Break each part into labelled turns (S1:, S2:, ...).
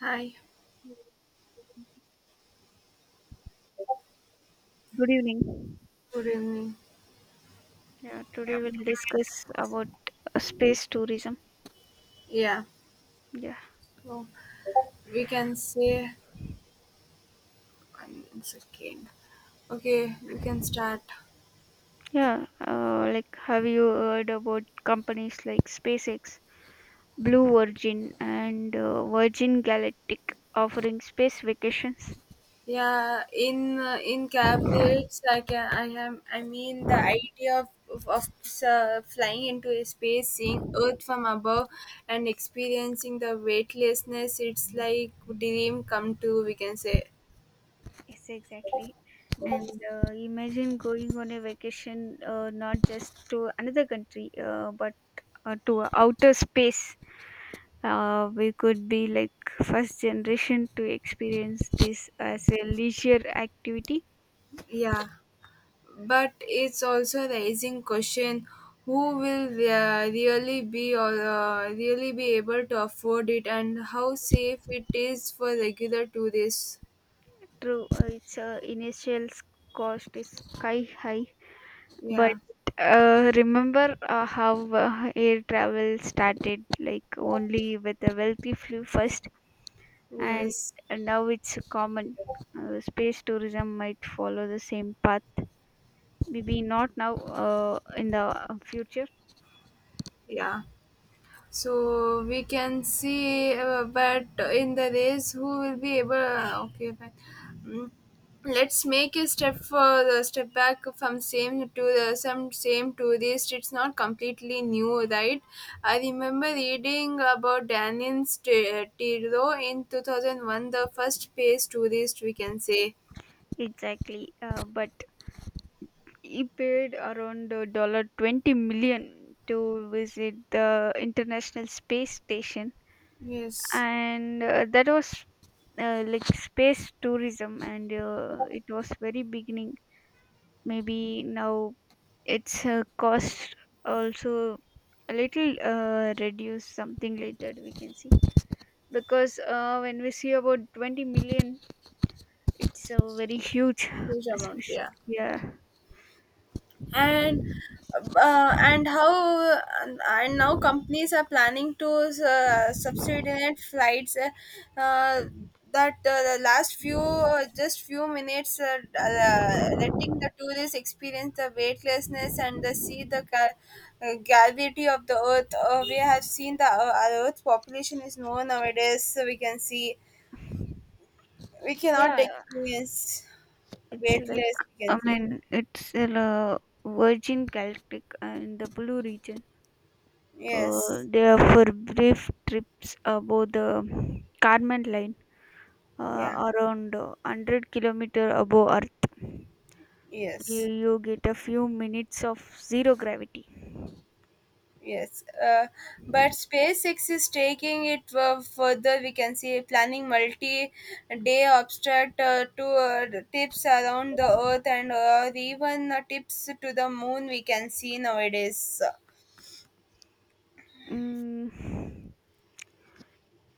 S1: Hi,
S2: Good evening.
S1: good evening.
S2: Yeah, Today we'll discuss about space tourism.
S1: Yeah,
S2: Yeah,
S1: well, we can say one second. Okay, you can start.
S2: yeah. Like, have you heard about companies like SpaceX, Blue Origin, and Virgin Galactic offering space vacations?
S1: Yeah, in caveats, I can I am I mean the idea of flying into a space, seeing Earth from above, and experiencing the weightlessness. It's like dream come true. We can say.
S2: Yes, exactly. And
S1: Yes.
S2: imagine going on a vacation, not just to another country, but to outer space. We could be like first generation to experience this as a leisure activity.
S1: Yeah. But it's also raising question who will really be or really be able to afford it and how safe it is for regular tourists.
S2: True. Its initial cost is sky high, but
S1: Yeah.
S2: remember how air travel started, like only with the wealthy flew first, and
S1: Yes.
S2: now it's common. Space tourism might follow the same path, maybe not now, in the future.
S1: Yeah. So we can see, but in the race, who will be able? Uh, okay, fine. Mm. Let's make a step for the step back from same to the some same to this. It's not completely new, right? I remember reading about Danin's T- Tiro in 2001, the first phase tourist we can say.
S2: Exactly. But he paid around dollar $20 million to visit the International Space Station,
S1: Yes.
S2: and that was like space tourism, and it was very beginning. Maybe now its cost also a little reduce, something like that, we can see. Because when we see about 20 million, it's a very huge
S1: Huge amount.
S2: especially.
S1: Yeah.
S2: Yeah.
S1: and uh, and how and now companies are planning to subsidize flights uh, that the last few just few minutes letting the tourists experience the weightlessness and the see the ca- gravity of the earth. Uh, we have seen the our earth's population is low nowadays, so we can see we cannot
S2: Yeah,
S1: experience
S2: It's like
S1: weightless, we can
S2: I
S1: see.
S2: mean it's a Virgin Galactic, in the Blue region.
S1: Yes.
S2: They are for brief trips above the Carmen line,
S1: Yeah.
S2: around 100-kilometer above Earth. You,
S1: Yes.
S2: you get a few minutes of zero gravity.
S1: Yes, but SpaceX is taking it further. We can see planning multi-day obstacle to the tips around the Earth and even tips to the Moon. We can see nowadays.
S2: Mm,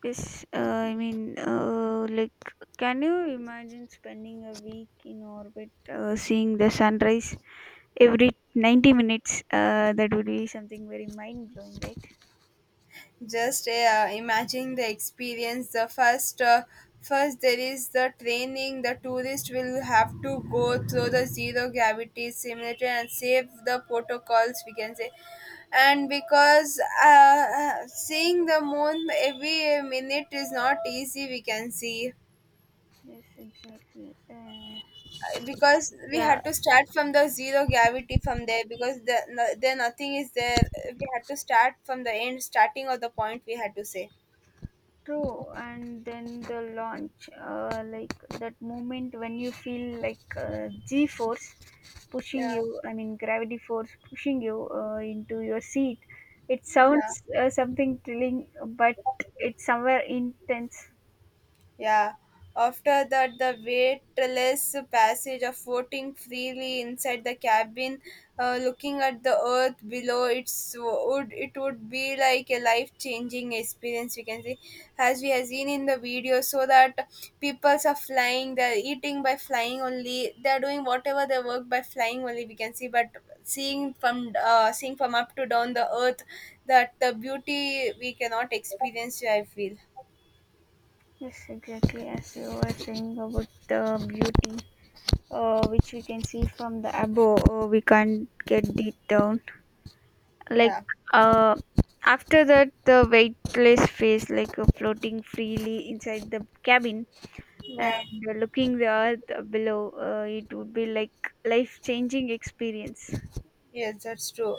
S2: yes, like, can you imagine spending a week in orbit, seeing the sunrise every 90 minutes? That would be something very mind blowing, right?
S1: Just imagine the experience the first first there is the training the tourist will have to go through the zero gravity simulator and save the protocols, we can say. And because seeing the moon every minute is not easy, we can see.
S2: Yes, exactly.
S1: Because we
S2: Yeah,
S1: had to start from the zero gravity from there, because the, no, there nothing is there. We had to start from the end starting of the point, we had to say.
S2: true. And then the launch, like that moment when you feel like G force pushing
S1: Yeah.
S2: you, I mean, gravity force pushing you into your seat. It
S1: Yeah.
S2: sounds something thrilling, but it's somewhere intense.
S1: Yeah. After that, the weightless passage of floating freely inside the cabin, looking at the earth below, it would be like a life changing experience. We can see, as we have seen in the video, so that peoples are flying, they're eating by flying only, they're doing whatever they work by flying only. We can see, but seeing from up to down the earth, that the beauty we cannot experience. I feel.
S2: Yes, exactly, as you were saying about the beauty, which we can see from the above. We can't get it down. Like,
S1: Yeah.
S2: uh, after that, the weightless face, like floating freely inside the cabin,
S1: Yeah.
S2: and looking the earth below. It would be like life-changing experience.
S1: Yes, that's true.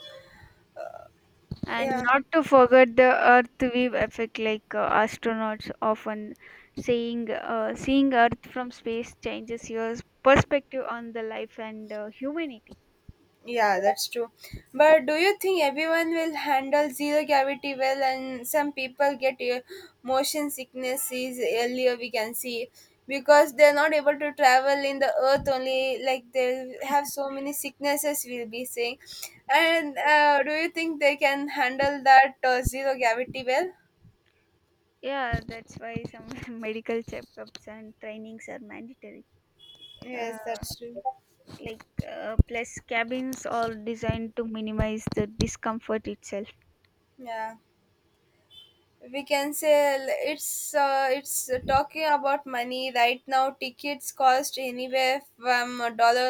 S2: And
S1: Yeah,
S2: not to forget the Earth wave effect, like astronauts often saying, seeing Earth from space changes your perspective on the life and humanity.
S1: yeah, that's true. But do you think everyone will handle zero gravity well? And some people get motion sicknesses earlier. We can see because they're not able to travel in the earth only. Like they have so many sicknesses. We'll be seeing. And do you think they can handle that zero gravity well?
S2: Yeah, that's why some medical checkups and trainings are mandatory. Uh,
S1: Yes, that's true.
S2: like, plus cabins are designed to minimize the discomfort itself.
S1: Yeah. We can say l- it's talking about money right now. Tickets cost anywhere from a dollar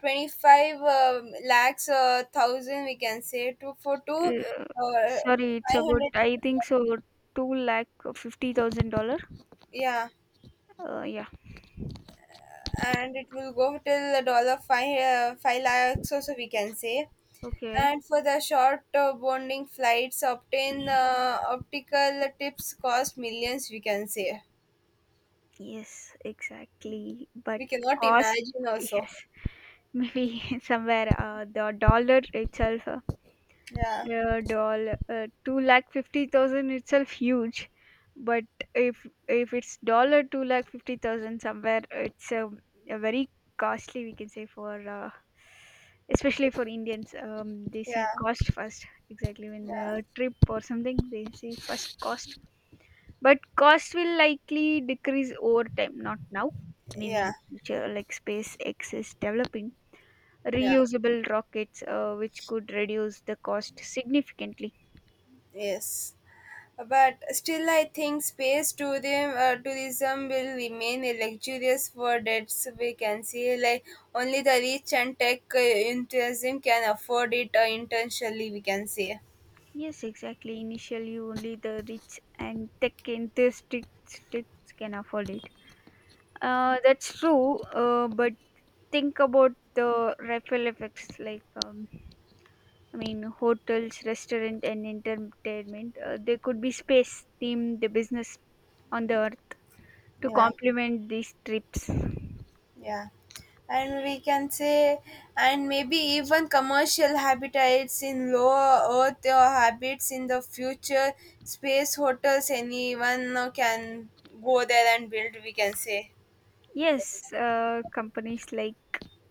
S1: 25 lakhs thousand, we can say, to for two
S2: Uh,
S1: uh,
S2: Sorry, it's about,
S1: 500.
S2: I think so, two lakh $50,000.
S1: Yeah,
S2: Yeah.
S1: and it will go till a dollar five lakhs also, we can say.
S2: Okay.
S1: And for the short bonding flights obtain optical tips cost millions, we can say.
S2: Yes, exactly. But
S1: We cannot
S2: cost.
S1: imagine also.
S2: Yes, maybe somewhere the dollar itself.
S1: Yeah.
S2: Yeah, doll. Two lakh 50,000 itself huge, but if it's dollar two lakh 50,000 somewhere, it's a very costly, we can say, for especially for Indians. They
S1: Yeah.
S2: see cost first, exactly. When
S1: Yeah.
S2: the trip or something, they see first cost, but cost will likely decrease over time. Not now, maybe
S1: Yeah.
S2: in future, like SpaceX is developing
S1: Yeah.
S2: reusable rockets, which could reduce the cost significantly.
S1: Yes. But still I think space tourism will remain a luxurious for that's, we can see. Like only the rich and tech enthusiasm can afford it intentionally, we can say.
S2: Yes, exactly. Initially, only the rich and tech enthusiasts can afford it. That's true. But think about the ripple effects. Like, hotels, restaurant, and entertainment. There could be space theme the business on the earth to
S1: Yeah.
S2: complement these trips.
S1: Yeah. And we can say, and maybe even commercial habitats in low earth or habits in the future, space hotels, anyone now can go there and build, we can say.
S2: Yes, companies like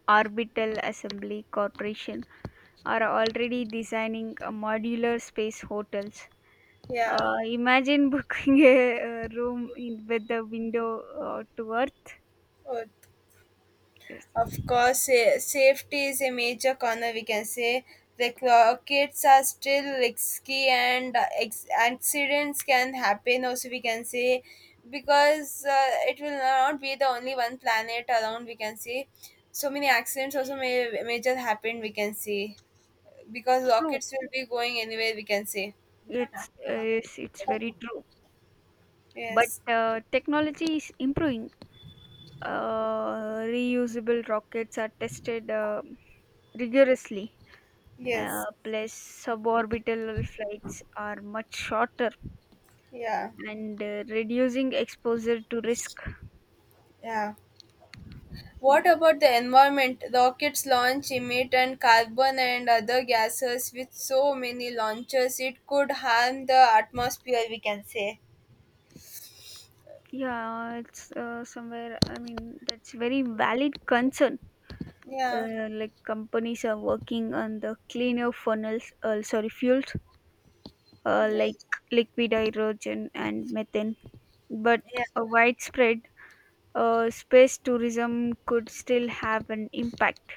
S2: Orbital Assembly Corporation are already designing modular space hotels.
S1: Yeah.
S2: Imagine booking a room in, with the window to earth.
S1: Oh.
S2: Yes,
S1: Of course, sa- safety is a major concern. We can say the clo- kids are still risky, and ex- accidents can happen. Also, we can say because it will not be the only one planet around. We can say so many accidents also may major happen. We can see because
S2: true.
S1: rockets will be going anywhere. We can say.
S2: It's yes, it's very true. But
S1: Yes.
S2: technology is improving. Reusable rockets are tested rigorously.
S1: Yes.
S2: Plus, suborbital flights are much shorter
S1: Yeah.
S2: and reducing exposure to risk.
S1: Yeah.
S2: Yeah,
S1: What about the environment? Rockets launch emit and carbon and other gases. With so many launches, it could harm the atmosphere, we can say.
S2: yeah, it's somewhere. I mean, that's very valid concern.
S1: Yeah.
S2: Like companies are working on the cleaner funnels, sorry, fuels, like
S1: Yes.
S2: liquid hydrogen and methane, but
S1: Yeah.
S2: a widespread space tourism could still have an impact.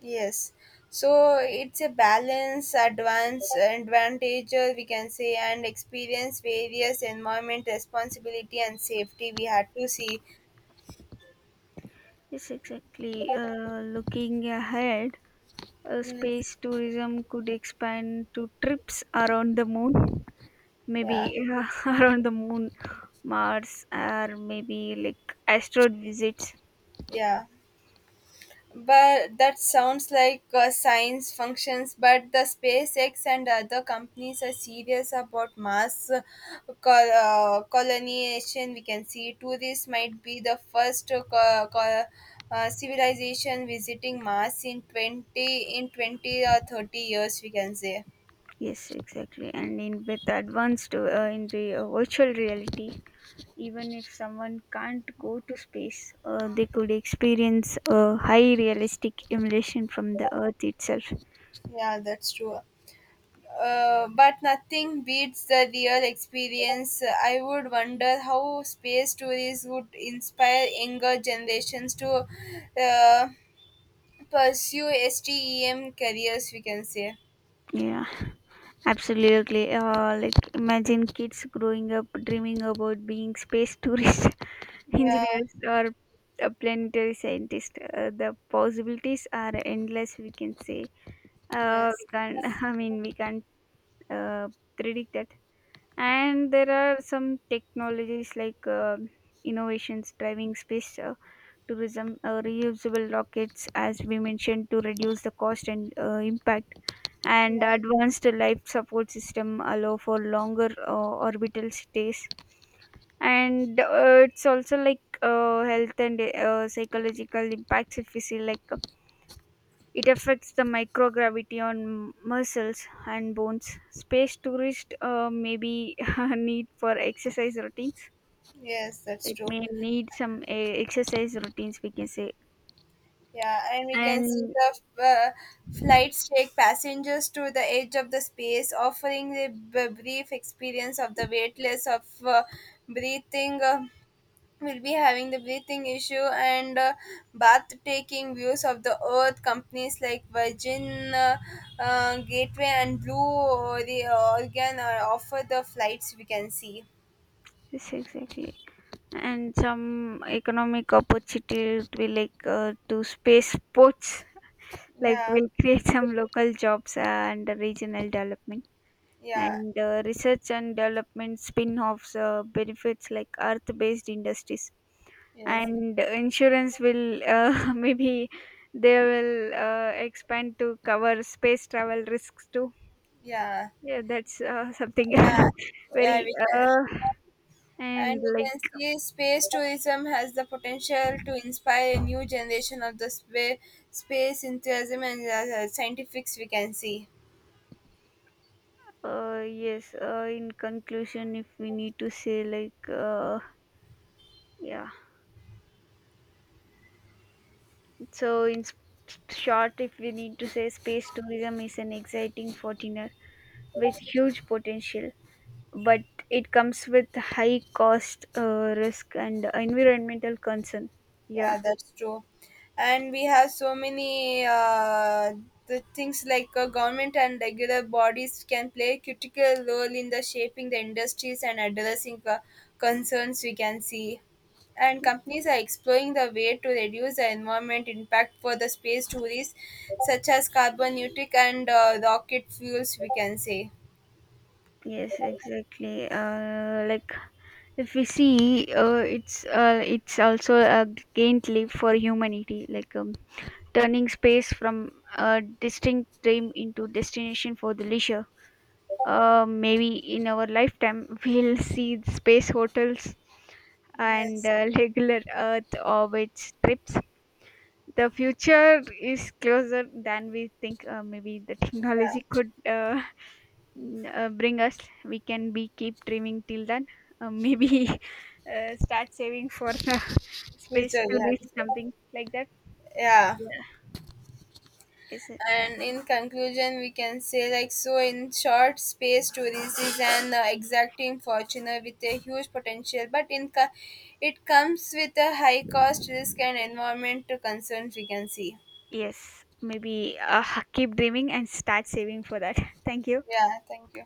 S1: Yes. So it's a balance, advance, advantage, we can say, and experience various environment responsibility and safety. We had to see.
S2: Yes, exactly. Looking ahead,
S1: Yes.
S2: space tourism could expand to trips around the moon, maybe
S1: Yeah.
S2: around the moon, mars, or maybe like asteroid visits.
S1: Yeah. But that sounds like science functions. But the SpaceX and other companies are serious about mass col- colonization. We can see tourists might be the first co- co- civilization visiting Mars in 20 or 30 years. We can say,
S2: Yes, exactly. And in with advanced, in the virtual reality, even if someone can't go to space, they could experience a high realistic emulation from the Earth itself.
S1: yeah, that's true. But nothing beats the real experience. I would wonder how space stories would inspire younger generations to uh, pursue STEM careers, we can say.
S2: Yeah, absolutely. Like imagine kids growing up dreaming about being space tourists,
S1: Yeah.
S2: engineers, or a planetary scientist. The possibilities are endless, we can say. We
S1: Yes.
S2: can't. I mean, we can't uh, predict that. And there are some technologies, like innovations driving space tourism, reusable rockets as we mentioned to reduce the cost and impact, and
S1: Yeah.
S2: advanced life support system allow for longer orbital stays. And it's also like health and psychological impacts. If we see, like, it affects the microgravity on muscles and bones. Space tourists may be need for exercise routines.
S1: Yes, that's
S2: It
S1: true.
S2: may need some exercise routines, we can say.
S1: Yeah, and we can see
S2: And
S1: the flights take passengers to the edge of the space, offering the b- brief experience of the weightless of breathing. Will be having the breathing issue and bath taking views of the earth. Companies like virgin gateway and blue the offer the flights, we can see.
S2: yes, exactly. And some economic opportunity will, like to space sports, like
S1: Yeah.
S2: will create some local jobs and regional development.
S1: Yeah.
S2: And research and development spin-offs benefits like earth-based industries,
S1: Yes.
S2: and insurance will maybe they will expand to cover space travel risks too.
S1: Yeah.
S2: Yeah, that's something
S1: Yeah. Yeah,
S2: very.
S1: we can. And
S2: And
S1: we
S2: like
S1: can see space tourism has the potential to inspire a new generation of the spa- space enthusiasm and scientifics, we can see.
S2: yes In conclusion, if we need to say, like, yeah so in s- short, if we need to say, space tourism is an exciting fortiner with huge potential, but it comes with high cost, risk and environmental concern. Yeah.
S1: Yeah, that's true. And we have so many the things like government and regular bodies can play a critical role in the shaping the industries and addressing concerns, we can see. And companies are exploring the way to reduce the environment impact for the space tourists, such as carbon neutral and rocket fuels, we can say.
S2: Yes, exactly. Like, if we see, it's also a giant leap for humanity, like, turning space from a distinct dream into destination for the leisure. Maybe in our lifetime we'll see space hotels and
S1: Yes.
S2: regular Earth orbit trips. The future is closer than we think. Maybe the
S1: Yeah.
S2: technology could bring us. We can be keep dreaming till then. Maybe start saving for the space
S1: Future, we
S2: to
S1: have
S2: reach,
S1: to say.
S2: something like that.
S1: Yeah.
S2: Yeah. Is it
S1: And in conclusion we can say like so in short, space tourism is an exacting fortune with a huge potential, but in co- it comes with a high cost risk and environmental concerns, we can see.
S2: yes, maybe keep dreaming and start saving for that. Thank you.
S1: Yeah, thank you.